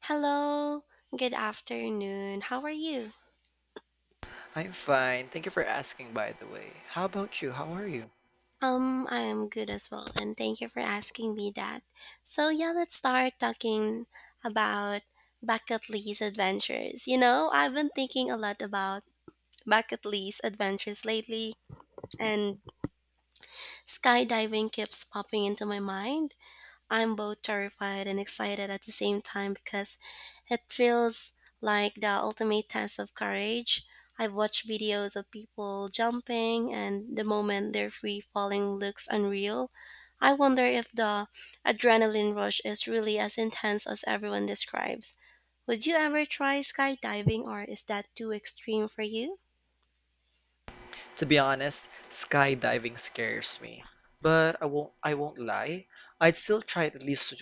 Hello, good afternoon. How are you? I'm fine. Thank you for asking, by the way. How about you? How are you? I am good as well, and thank you for asking me that. So, yeah, let's start talking about bucket list adventures. You know, I've been thinking a lot about bucket list adventures lately, and skydiving keeps popping into my mind. I'm both terrified and excited at the same time because it feels like the ultimate test of courage. I've watched videos of people jumping, and the moment they're free falling looks unreal. I wonder if the adrenaline rush is really as intense as everyone describes. Would you ever try skydiving, or is that too extreme for you? To be honest, skydiving scares me. But I won't lie. I'd still try it at least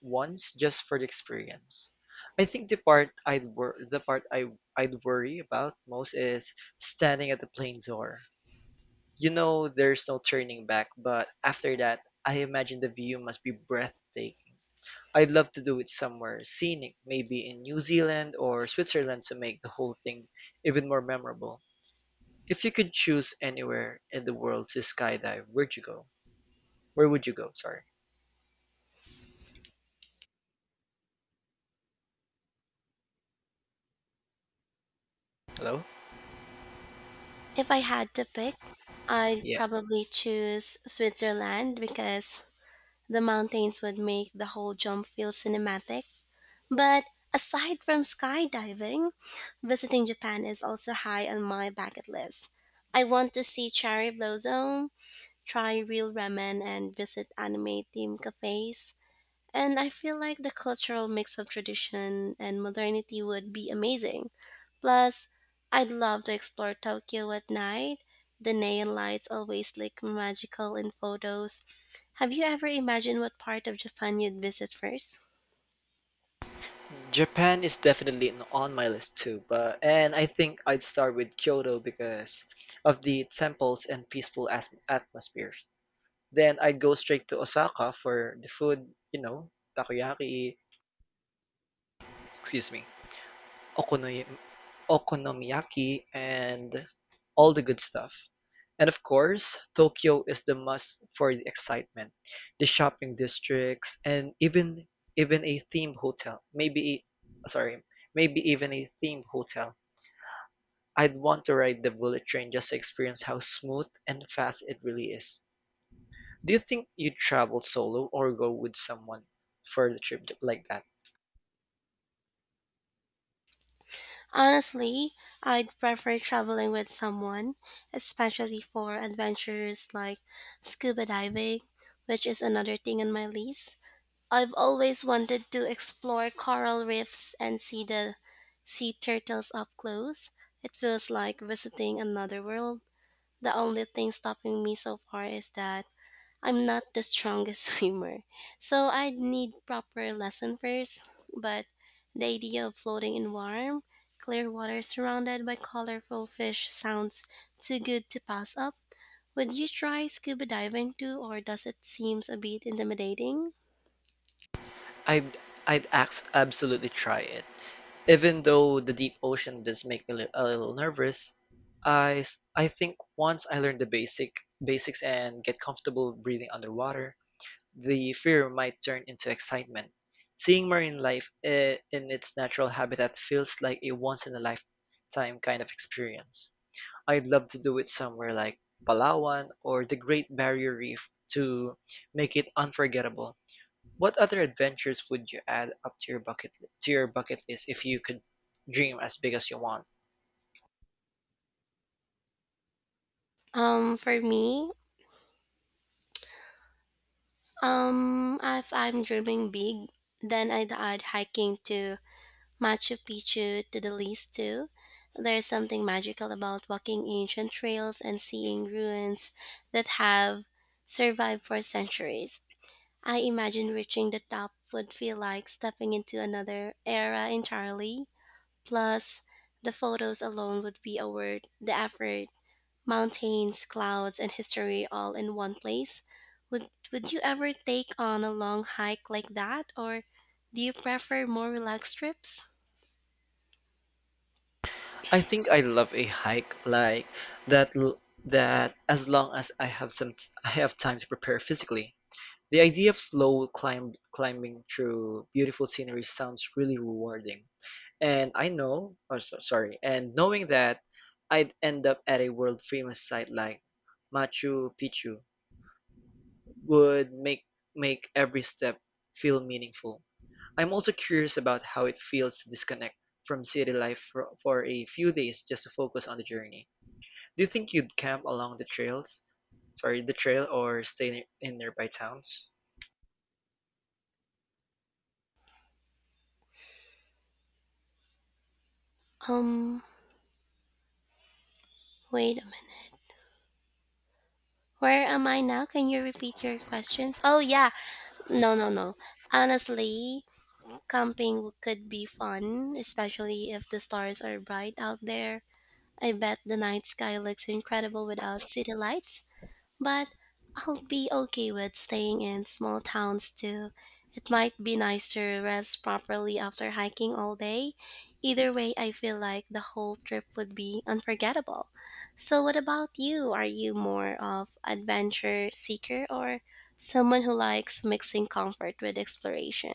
once just for the experience. I think the part I'd worry about most is standing at the plane door. You know there's no turning back, but after that, I imagine the view must be breathtaking. I'd love to do it somewhere scenic, maybe in New Zealand or Switzerland to make the whole thing even more memorable. If you could choose anywhere in the world to skydive, Where would you go? Sorry. Hello? If I had to pick, I'd Yeah. probably choose Switzerland because the mountains would make the whole jump feel cinematic. But aside from skydiving, visiting Japan is also high on my bucket list. I want to see cherry blossom, try real ramen, and visit anime themed cafes. And I feel like the cultural mix of tradition and modernity would be amazing. Plus, I'd love to explore Tokyo at night. The neon lights always look magical in photos. Have you ever imagined what part of Japan you'd visit first? Japan is definitely on my list too, but and I think I'd start with Kyoto because of the temples and peaceful atmospheres. Then I'd go straight to Osaka for the food, you know, takoyaki, excuse me, okonoy- okonomiyaki and all the good stuff. And of course, Tokyo is the must for the excitement, the shopping districts, and even a theme hotel. sorry, Maybe even a theme hotel. I'd want to ride the bullet train just to experience how smooth and fast it really is. Do you think you'd travel solo or go with someone for the trip like that? Honestly, I'd prefer traveling with someone, especially for adventures like scuba diving, which is another thing on my list. I've always wanted to explore coral reefs and see the sea turtles up close. It feels like visiting another world. The only thing stopping me so far is that I'm not the strongest swimmer, so I'd need proper lesson first. But the idea of floating in warm, clear water surrounded by colorful fish sounds too good to pass up. Would you try scuba diving too, or does it seem a bit intimidating? I'd absolutely try it. Even though the deep ocean does make me a little nervous, I think once I learn the basics and get comfortable breathing underwater, the fear might turn into excitement. Seeing marine life in its natural habitat feels like a once in a lifetime kind of experience. I'd love to do it somewhere like Palawan or the Great Barrier Reef to make it unforgettable. What other adventures would you add up to your bucket list if you could dream as big as you want? For me, if I'm dreaming big, then I'd add hiking to Machu Picchu to the list too. There's something magical about walking ancient trails and seeing ruins that have survived for centuries. I imagine reaching the top would feel like stepping into another era entirely. Plus, the photos alone would be worth the effort mountains, clouds, and history all in one place. Would you ever take on a long hike like that or do you prefer more relaxed trips? I think I love a hike like that l- that as long as I have I have time to prepare physically. The idea of slow climbing through beautiful scenery sounds really rewarding. And I know, oh, so, sorry, and knowing that I'd end up at a world-famous site like Machu Picchu would make every step feel meaningful. I'm also curious about how it feels to disconnect from city life for a few days just to focus on the journey. Do you think you'd camp along the trail or stay in nearby towns? Um Wait a minute. Where am I now? Can you repeat your questions? Oh, yeah. No, no, no. Honestly, camping could be fun, especially if the stars are bright out there. I bet the night sky looks incredible without city lights. But I'll be okay with staying in small towns too. It might be nice to rest properly after hiking all day. Either way, I feel like the whole trip would be unforgettable. So, what about you? Are you more of adventure seeker or someone who likes mixing comfort with exploration?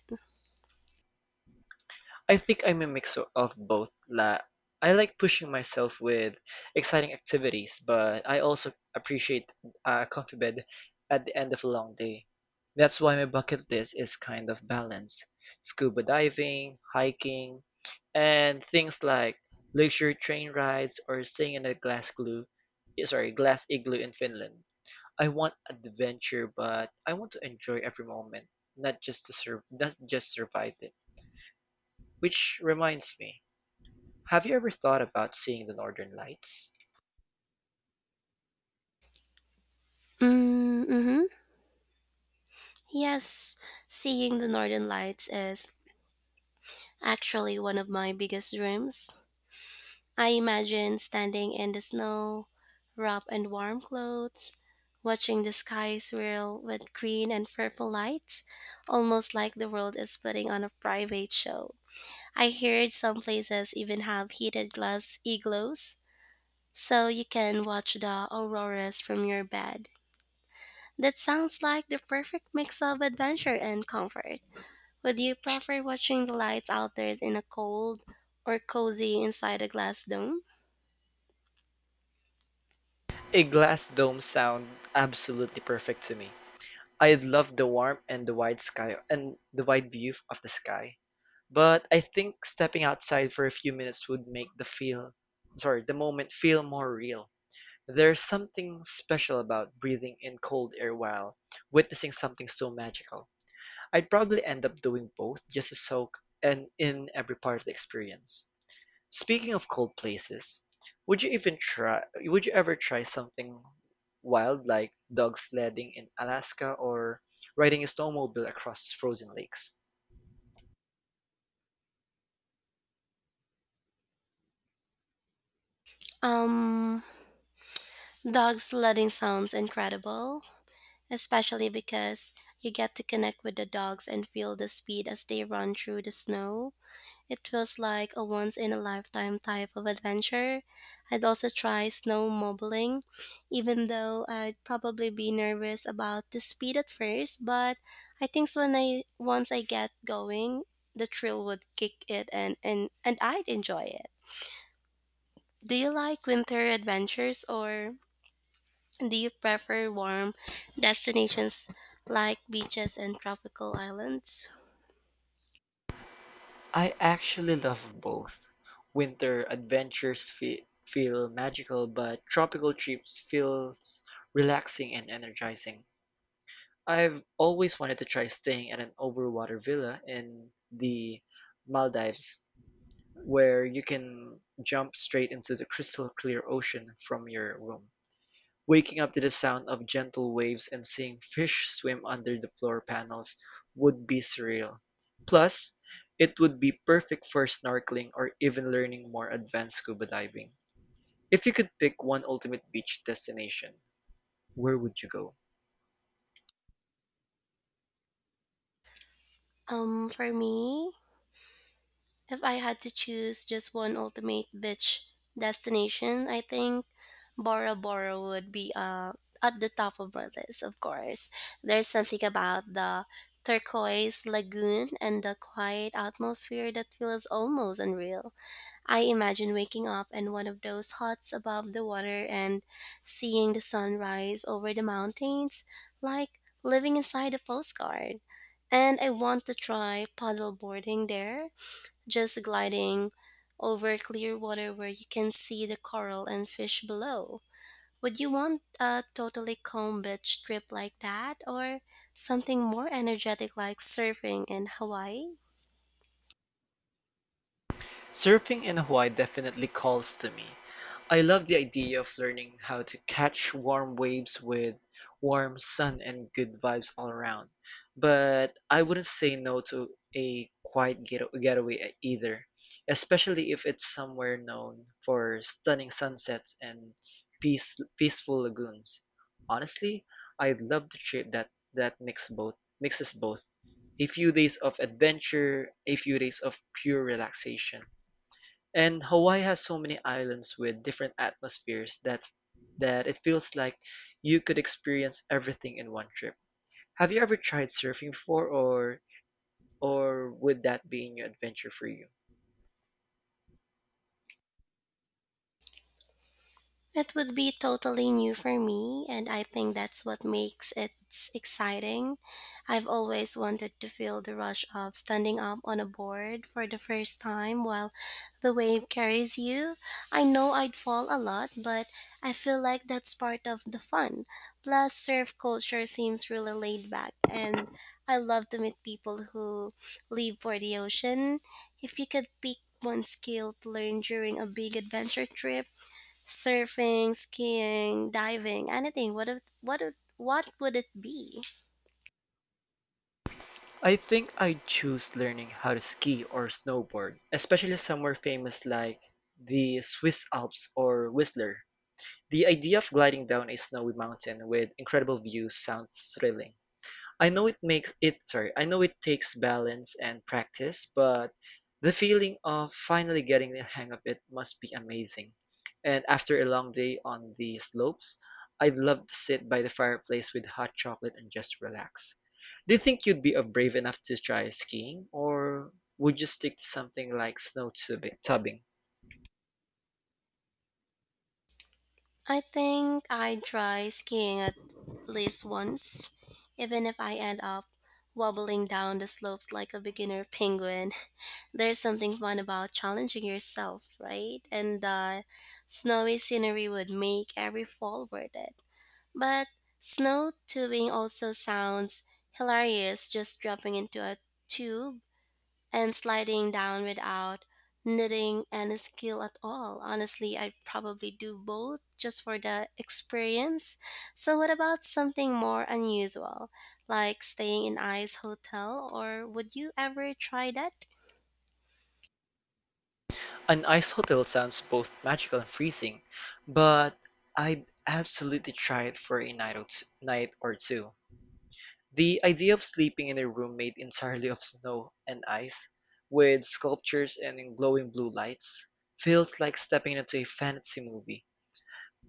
I think I'm a mix of both. La I like pushing myself with exciting activities, but I also appreciate a comfy bed at the end of a long day. That's why my bucket list is kind of balanced. Scuba diving, hiking, and things like leisure train rides or staying in a glass glue, eh, sorry, glass igloo in Finland. I want adventure, but I want to enjoy every moment, not just survive it. Which reminds me, have you ever thought about seeing the Northern Lights? Mm-hmm. Yes, seeing the northern lights is actually one of my biggest dreams. I imagine standing in the snow, wrapped in warm clothes, watching the sky swirl with green and purple lights, almost like the world is putting on a private show. I heard some places even have heated glass igloos, so you can watch the auroras from your bed. That sounds like the perfect mix of adventure and comfort. Would you prefer watching the lights out there in a cold or cozy inside a glass dome? A glass dome sound absolutely perfect to me. I love the warmth and the wide sky and the wide view of the sky. But I think stepping outside for a few minutes would make the moment feel more real. There's something special about breathing in cold air while witnessing something so magical. I'd probably end up doing both just to soak and in every part of the experience. Speaking of cold places, would you ever try something wild like dog sledding in Alaska or riding a snowmobile across frozen lakes? Um, Dog sledding sounds incredible, especially because you get to connect with the dogs and feel the speed as they run through the snow. It feels like a once in a lifetime type of adventure. I'd also try snowmobiling, even though I'd probably be nervous about the speed at first, but I think so when I once I get going, the thrill would kick it and I'd enjoy it. Do you like winter adventures or do you prefer warm destinations like beaches and tropical islands? I actually love both. Winter adventures feel magical, but tropical trips feel relaxing and energizing. I've always wanted to try staying at an overwater villa in the Maldives where you can jump straight into the crystal clear ocean from your room, waking up to the sound of gentle waves and seeing fish swim under the floor panels would be surreal. Plus, it would be perfect for snorkeling or even learning more advanced scuba diving. If you could pick one ultimate beach destination, where would you go? For me, if I had to choose just one ultimate beach destination, I think Bora Bora would be at the top of my list, of course. There's something about the turquoise lagoon and the quiet atmosphere that feels almost unreal. I imagine waking up in one of those huts above the water and seeing the sun rise over the mountains, like living inside a postcard. And I want to try paddle boarding there, just gliding over clear water where you can see the coral and fish below. Would you want a totally calm beach trip like that, or something more energetic like surfing in Hawaii? Surfing in Hawaii definitely calls to me. I love the idea of learning how to catch warm waves with warm sun and good vibes all around. But I wouldn't say no to a quiet getaway either, especially if it's somewhere known for stunning sunsets and peaceful lagoons. Honestly, I'd love to trip that that mix both mixes both. A few days of adventure, a few days of pure relaxation. And Hawaii has so many islands with different atmospheres that it feels like you could experience everything in one trip. Have you ever tried surfing before or would that be a new adventure for you? It would be totally new for me, and I think that's what makes it exciting. I've always wanted to feel the rush of standing up on a board for the first time while the wave carries you. I know I'd fall a lot, but I feel like that's part of the fun. Plus, surf culture seems really laid back, and I love to meet people who live for the ocean. If you could pick one skill to learn during a big adventure trip, surfing, skiing, diving, anything. What if, what if, What would it be? I think I'd choose learning how to ski or snowboard, especially somewhere famous like the Swiss Alps or Whistler. The idea of gliding down a snowy mountain with incredible views sounds thrilling. I know it takes balance and practice, but the feeling of finally getting the hang of it must be amazing. And after a long day on the slopes, I'd love to sit by the fireplace with hot chocolate and just relax. Do you think you'd be brave enough to try skiing, or would you stick to something like snow tubbing? I think I'd try skiing at least once, even if I end up wobbling down the slopes like a beginner penguin. There's something fun about challenging yourself, right? And snowy scenery would make every fall worth it. But snow tubing also sounds hilarious, just dropping into a tube and sliding down without knitting any skill at all. Honestly, I probably do both just for the experience. So, what about something more unusual, like staying in Ice Hotel, or would you ever try that? An ice hotel sounds both magical and freezing, but I'd absolutely try it for a night or two. The idea of sleeping in a room made entirely of snow and ice, with sculptures and in glowing blue lights, feels like stepping into a fantasy movie.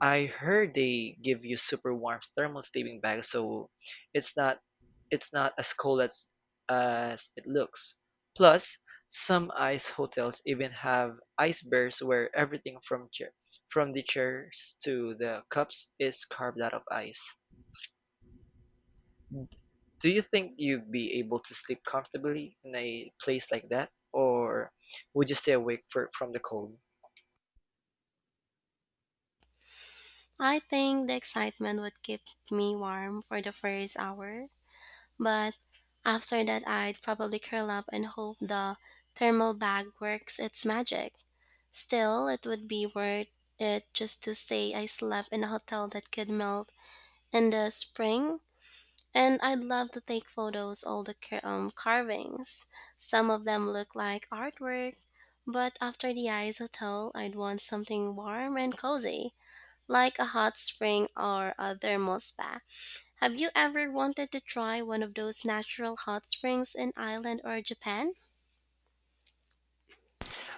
I heard they give you super warm thermal sleeping bags, so it's not it's not as cold as it looks. Plus, some ice hotels even have ice bears where everything from the chairs to the cups is carved out of ice. Do you think you'd be able to sleep comfortably in a place like that, or would you stay awake from the cold? I think the excitement would keep me warm for the first hour, but after that, I'd probably curl up and hope the thermal bag works its magic. Still, it would be worth it just to say I slept in a hotel that could melt in the spring. And I'd love to take photos all the carvings. Some of them look like artwork, but after the ice hotel, I'd want something warm and cozy, like a hot spring or a thermal spa. Have you ever wanted to try one of those natural hot springs in Ireland or Japan?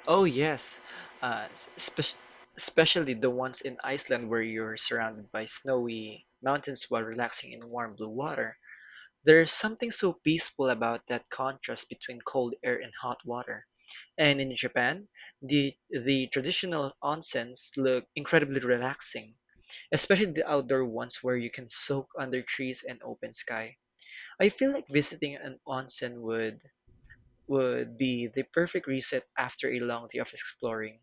Oh yes, uh, s- especially the ones in Iceland where you're surrounded by snowy mountains while relaxing in warm blue water. There's something so peaceful about that contrast between cold air and hot water. And in Japan, the traditional onsens look incredibly relaxing especially the outdoor ones where you can soak under trees and open sky. I feel like visiting an onsen would be the perfect reset after a long day of exploring.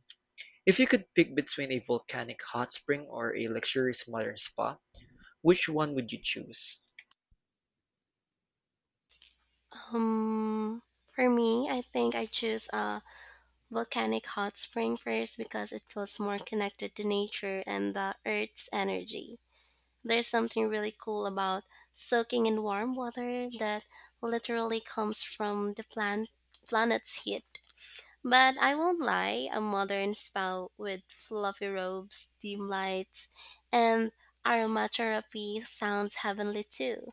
If you could pick between a volcanic hot spring or a luxurious modern spa, which one would you choose? For me, I think I choose a volcanic hot spring first because it feels more connected to nature and the earth's energy. There's something really cool about soaking in warm water that literally comes from the plant planet's heat. But I won't lie, a modern spa with fluffy robes, dim lights, and aromatherapy sounds heavenly too.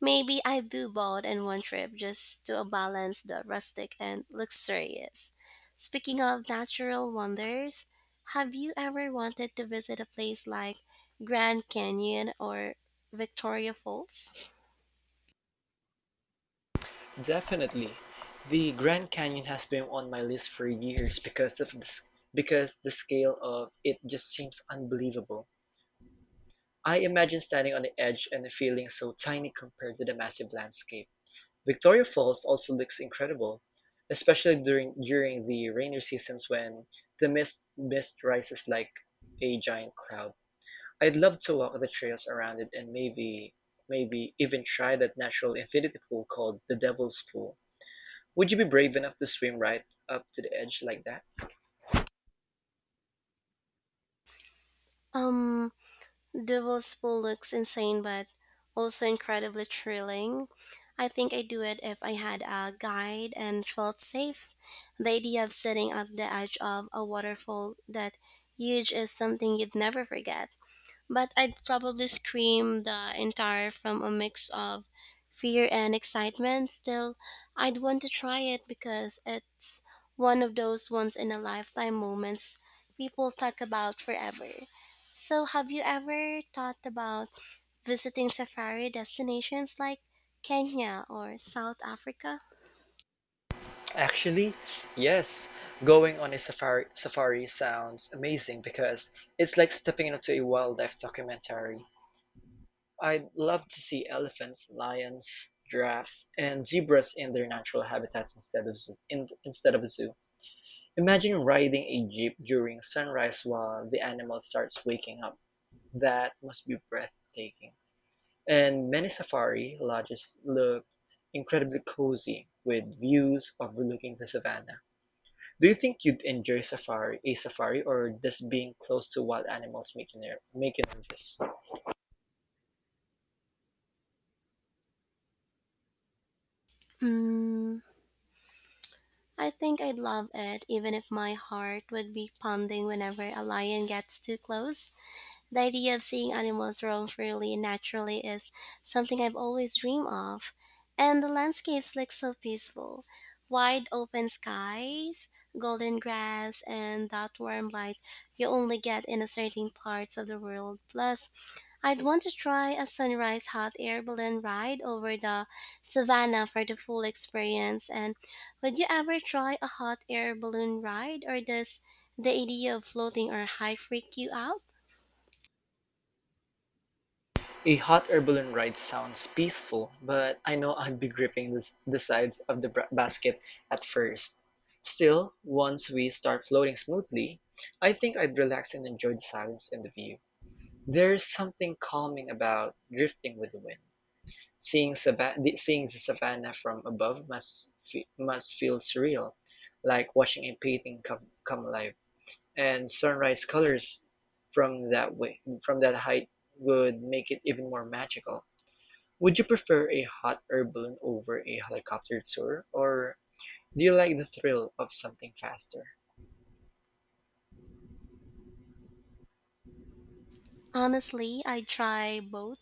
Maybe I do both in one trip just to balance the rustic and luxurious. Speaking of natural wonders, have you ever wanted to visit a place like Grand Canyon or Victoria Falls? Definitely. The Grand Canyon has been on my list for years because the scale of it just seems unbelievable. I imagine standing on the edge and feeling so tiny compared to the massive landscape. Victoria Falls also looks incredible, especially during the rainy seasons when the mist rises like a giant cloud. I'd love to walk the trails around it and maybe even try that natural infinity pool called the Devil's Pool. Would you be brave enough to swim right up to the edge like that? Um, Devil's Pool looks insane but also incredibly thrilling. I think I'd do it if I had a guide and felt safe. The idea of sitting at the edge of a waterfall that huge is something you'd never forget. But I'd probably scream the entire from a mix of fear and excitement. Still, I'd want to try it because it's one of those once in a lifetime moments people talk about forever. So, have you ever thought about visiting safari destinations like Kenya or South Africa? Actually, yes. Going on a safari sounds amazing because it's like stepping into a wildlife documentary. I'd love to see elephants, lions, giraffes, and zebras in their natural habitats instead of a zoo. Imagine riding a jeep during sunrise while the animal starts waking up. That must be breathtaking. And many safari lodges look incredibly cozy with views overlooking the savannah. Do you think you'd enjoy safari, a safari, or does being close to wild animals make you nervous? Hmm. I think I'd love it, even if my heart would be pounding whenever a lion gets too close. The idea of seeing animals roam freely and naturally is something I've always dreamed of, and the landscapes look so peaceful. Wide open skies, golden grass, and that warm light you only get in a certain parts of the world. Plus, I'd want to try a sunrise hot air balloon ride over the savannah for the full experience. And would you ever try a hot air balloon ride, or does the idea of floating or high freak you out? A hot Herbalion ride sounds peaceful, but I know I'd be gripping the sides of the basket at first. Still, once we start floating smoothly, I think I'd relax and enjoy the silence and the view. There's something calming about drifting with the wind. Seeing the savannah from above must feel surreal, like watching a painting come alive. And sunrise colors from that height would make it even more magical. Would you prefer a hot air balloon over a helicopter tour, or do you like the thrill of something faster? Honestly, I try both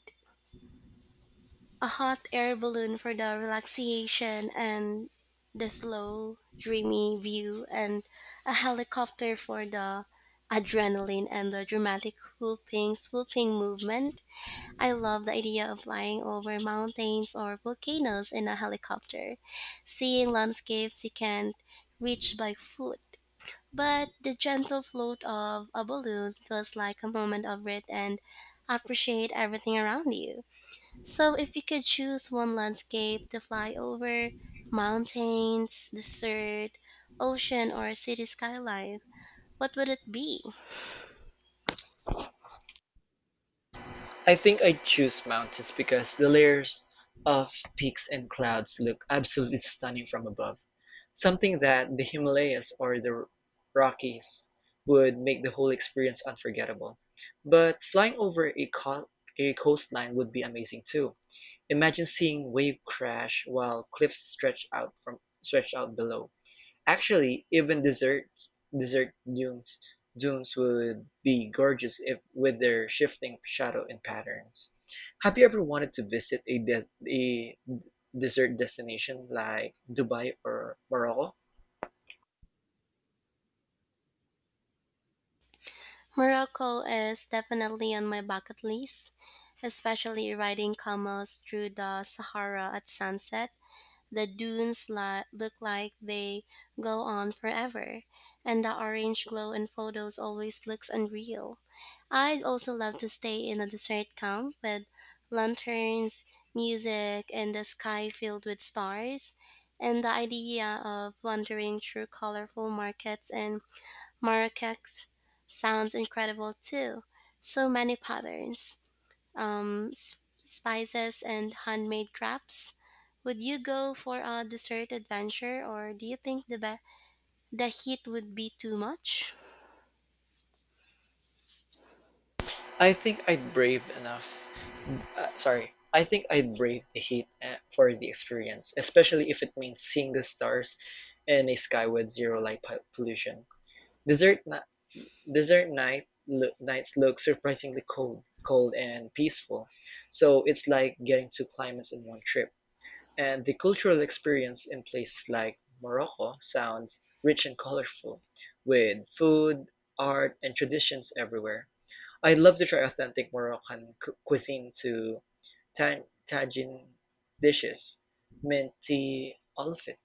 a hot air balloon for the relaxation and the slow, dreamy view, and a helicopter for the adrenaline and the dramatic whooping, swooping movement. I love the idea of flying over mountains or volcanoes in a helicopter, seeing landscapes you can't reach by foot but the gentle float of a balloon feels like a moment of it and appreciate everything around you. So if you could choose one landscape to fly over, mountains, desert, ocean or city skyline, what would it be? I think I'd choose mountains because the layers of peaks and clouds look absolutely stunning from above. Something that the Himalayas or the Rockies would make the whole experience unforgettable. But flying over a coastline would be amazing too. Imagine seeing waves crash while cliffs stretch out below. Actually, even desserts, desert dunes would be gorgeous if with their shifting shadow and patterns. Have you ever wanted to visit a desert destination like Dubai or Morocco? Morocco is definitely on my bucket list, especially riding camels through the Sahara at sunset. The look like they go on forever, and the orange glow in photos always looks unreal. I'd also love to stay in a desert camp with lanterns, music, and the sky filled with stars. And the idea of wandering through colorful markets and marrakech sounds incredible too. So many patterns spices, and handmade crafts. Would you go for a dessert adventure, or do you think the heat would be too much? I think I'd brave enough. Sorry. I think I'd brave the heat for the experience, especially if it means seeing the stars and a sky with zero pollution. Desert na nights look surprisingly cold, cold and peaceful. So it's like getting two climates in one trip. And the cultural experience in places like Morocco sounds rich and colorful, with food, art, and traditions everywhere. I'd love to try authentic Moroccan cuisine to tagine dishes, mint tea, all of it.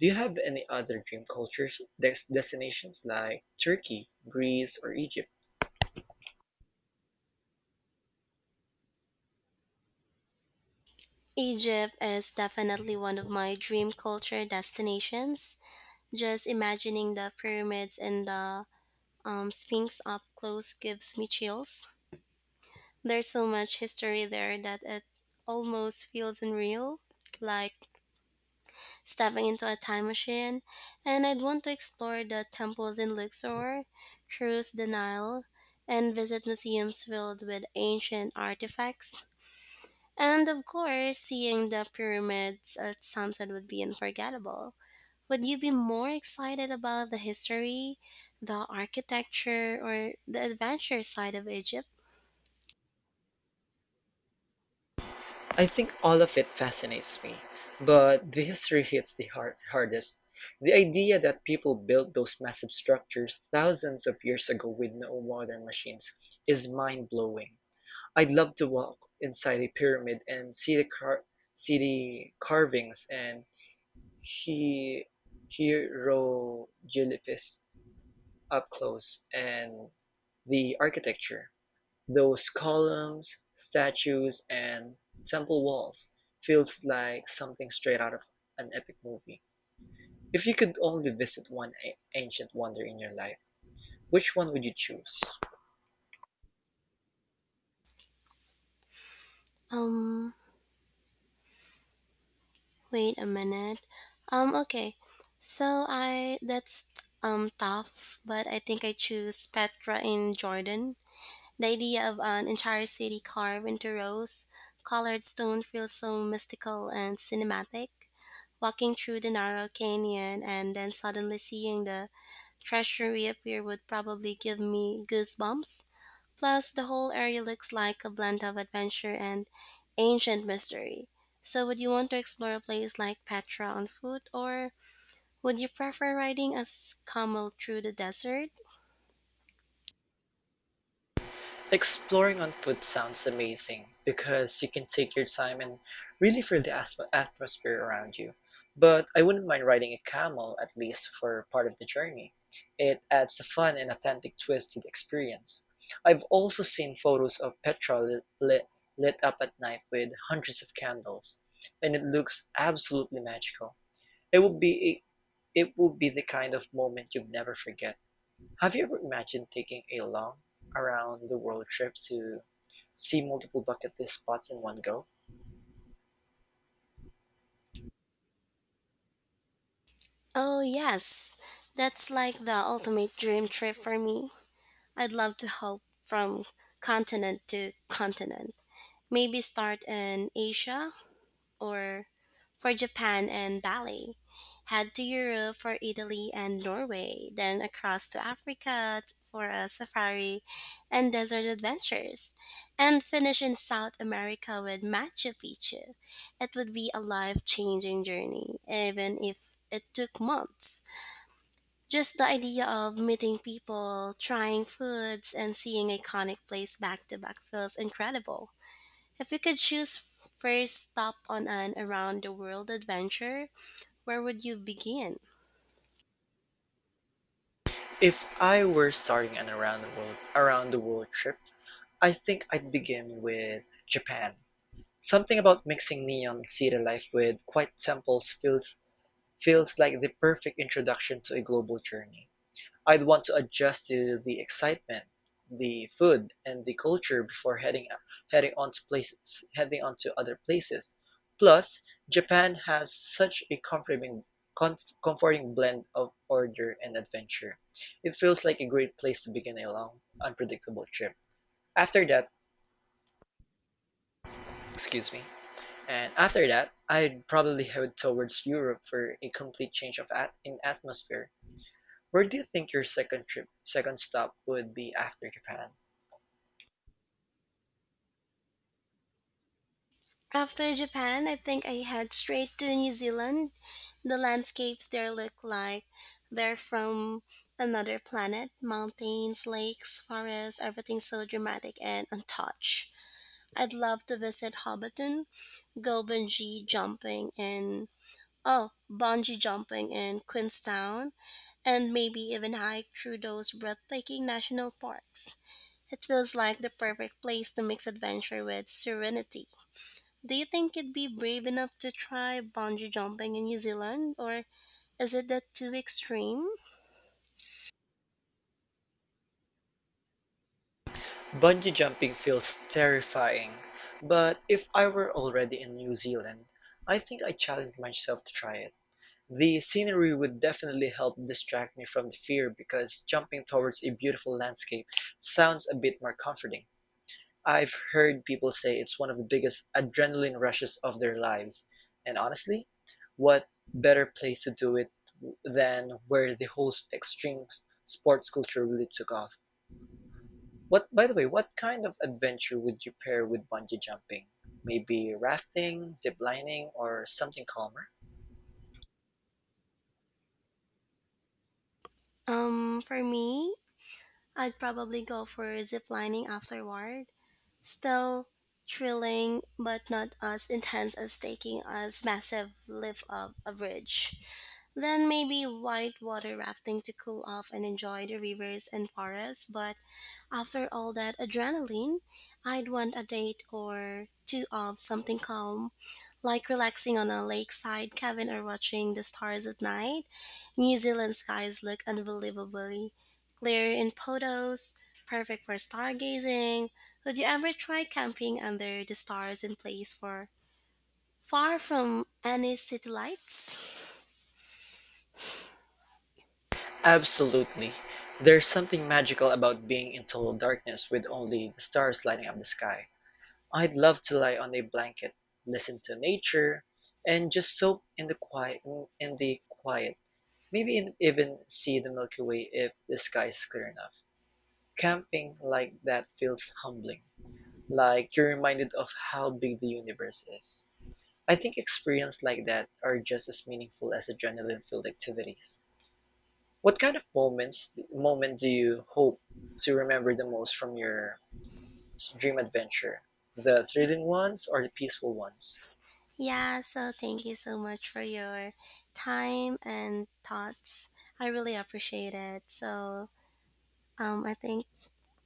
Do you have any other dream destinations like Turkey, Greece, or Egypt? Egypt is definitely one of my dream culture destinations. Just imagining the pyramids and the Sphinx up close gives me chills. There's so much history there that it almost feels unreal, like stepping into a time machine, and I'd want to explore the temples in Luxor, cruise the Nile, and visit museums filled with ancient artifacts. And of course, seeing the pyramids at sunset would be unforgettable. Would you be more excited about the history, the architecture, or the adventure side of Egypt? I think all of it fascinates me, but the history hits the hardest. The idea that people built those massive structures thousands of years ago with no modern machines is mind blowing. I'd love to walk inside a pyramid and see the carvings and he- hieroglyphs up close and the architecture. Those columns, statues and temple walls feels like something straight out of an epic movie. If you could only visit one ancient wonder in your life, which one would you choose? Um, Wait a minute. Okay. So I that's Tough, but I think I choose Petra in Jordan. The idea of an entire city carved into rose colored stone feels so mystical and cinematic. Walking through the narrow canyon and then suddenly seeing the treasury appear would probably give me goosebumps. Plus, the whole area looks like a blend of adventure and ancient mystery. So, would you want to explore a place like Petra on foot, or would you prefer riding a camel through the desert? Exploring on foot sounds amazing because you can take your time and really feel the atmosphere around you. But I wouldn't mind riding a camel at least for part of the journey. It adds a fun and authentic twist to the experience. I've also seen photos of Petra lit up at night with hundreds of candles, and it looks absolutely magical. It would be it would be the kind of moment you'd never forget. Have you ever imagined taking a long, around-the-world trip to see multiple bucket list spots in one go? Oh, yes, that's like the ultimate dream trip for me. I'd love to hop from continent to continent. Maybe start in Asia or for Japan and Bali, head to Europe for Italy and Norway, then across to Africa for a safari and desert adventures, and finish in South America with Machu Picchu. It would be a life changing journey, even if it took months. Just the idea of meeting people, trying foods, and seeing iconic places back to back feels incredible. If you could choose first stop on an around the world adventure, where would you begin? If I were starting an around the world trip, I think I'd begin with Japan. Something about mixing neon city life with quiet temples feels like the perfect introduction to a global journey. I'd want to adjust to the excitement, the food, and the culture before heading on to other places. Plus, Japan has such a comforting blend of order and adventure. It feels like a great place to begin a long, unpredictable trip. After that, excuse me, and after that, I'd probably head towards Europe for a complete change of in atmosphere. Where do you think your second stop would be after Japan? After Japan, I think I head straight to New Zealand. The landscapes there look like they're from another planet. Mountains, lakes, forests, everything's so dramatic and untouched. I'd love to visit Hobbiton, go bungee jumping, and oh, bungee jumping in Queenstown, and maybe even hike through those breathtaking national parks. It feels like the perfect place to mix adventure with serenity. Do you think you'd be brave enough to try bungee jumping in New Zealand, or is it that too extreme? Bungee jumping feels terrifying, but if I were already in New Zealand, I think I'd challenge myself to try it. The scenery would definitely help distract me from the fear because jumping towards a beautiful landscape sounds a bit more comforting. I've heard people say it's one of the biggest adrenaline rushes of their lives, and honestly, what better place to do it than where the whole extreme sports culture really took off? By the way, what kind of adventure would you pair with bungee jumping? Maybe rafting, zip lining, or something calmer? For me, I'd probably go for zip lining afterward. Still thrilling, but not as intense as taking a massive lift up a bridge. Then maybe whitewater rafting to cool off and enjoy the rivers and forests. But after all that adrenaline, I'd want a date or two of something calm, like relaxing on a lakeside cabin or watching the stars at night. New Zealand skies look unbelievably clear in photos, perfect for stargazing. Would you ever try camping under the stars in place for far from any city lights? Absolutely. There's something magical about being in total darkness with only the stars lighting up the sky. I'd love to lie on a blanket, listen to nature, and just soak in the quiet. Maybe even see the Milky Way if the sky is clear enough. Camping like that feels humbling, like you're reminded of how big the universe is. I think experiences like that are just as meaningful as adrenaline-filled activities. What kind of moment do you hope to remember the most from your dream adventure? The thrilling ones or the peaceful ones? Yeah, so thank you so much for your time and thoughts. I really appreciate it. So, I think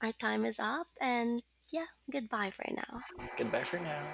our time is up, and yeah, goodbye for now. Goodbye for now.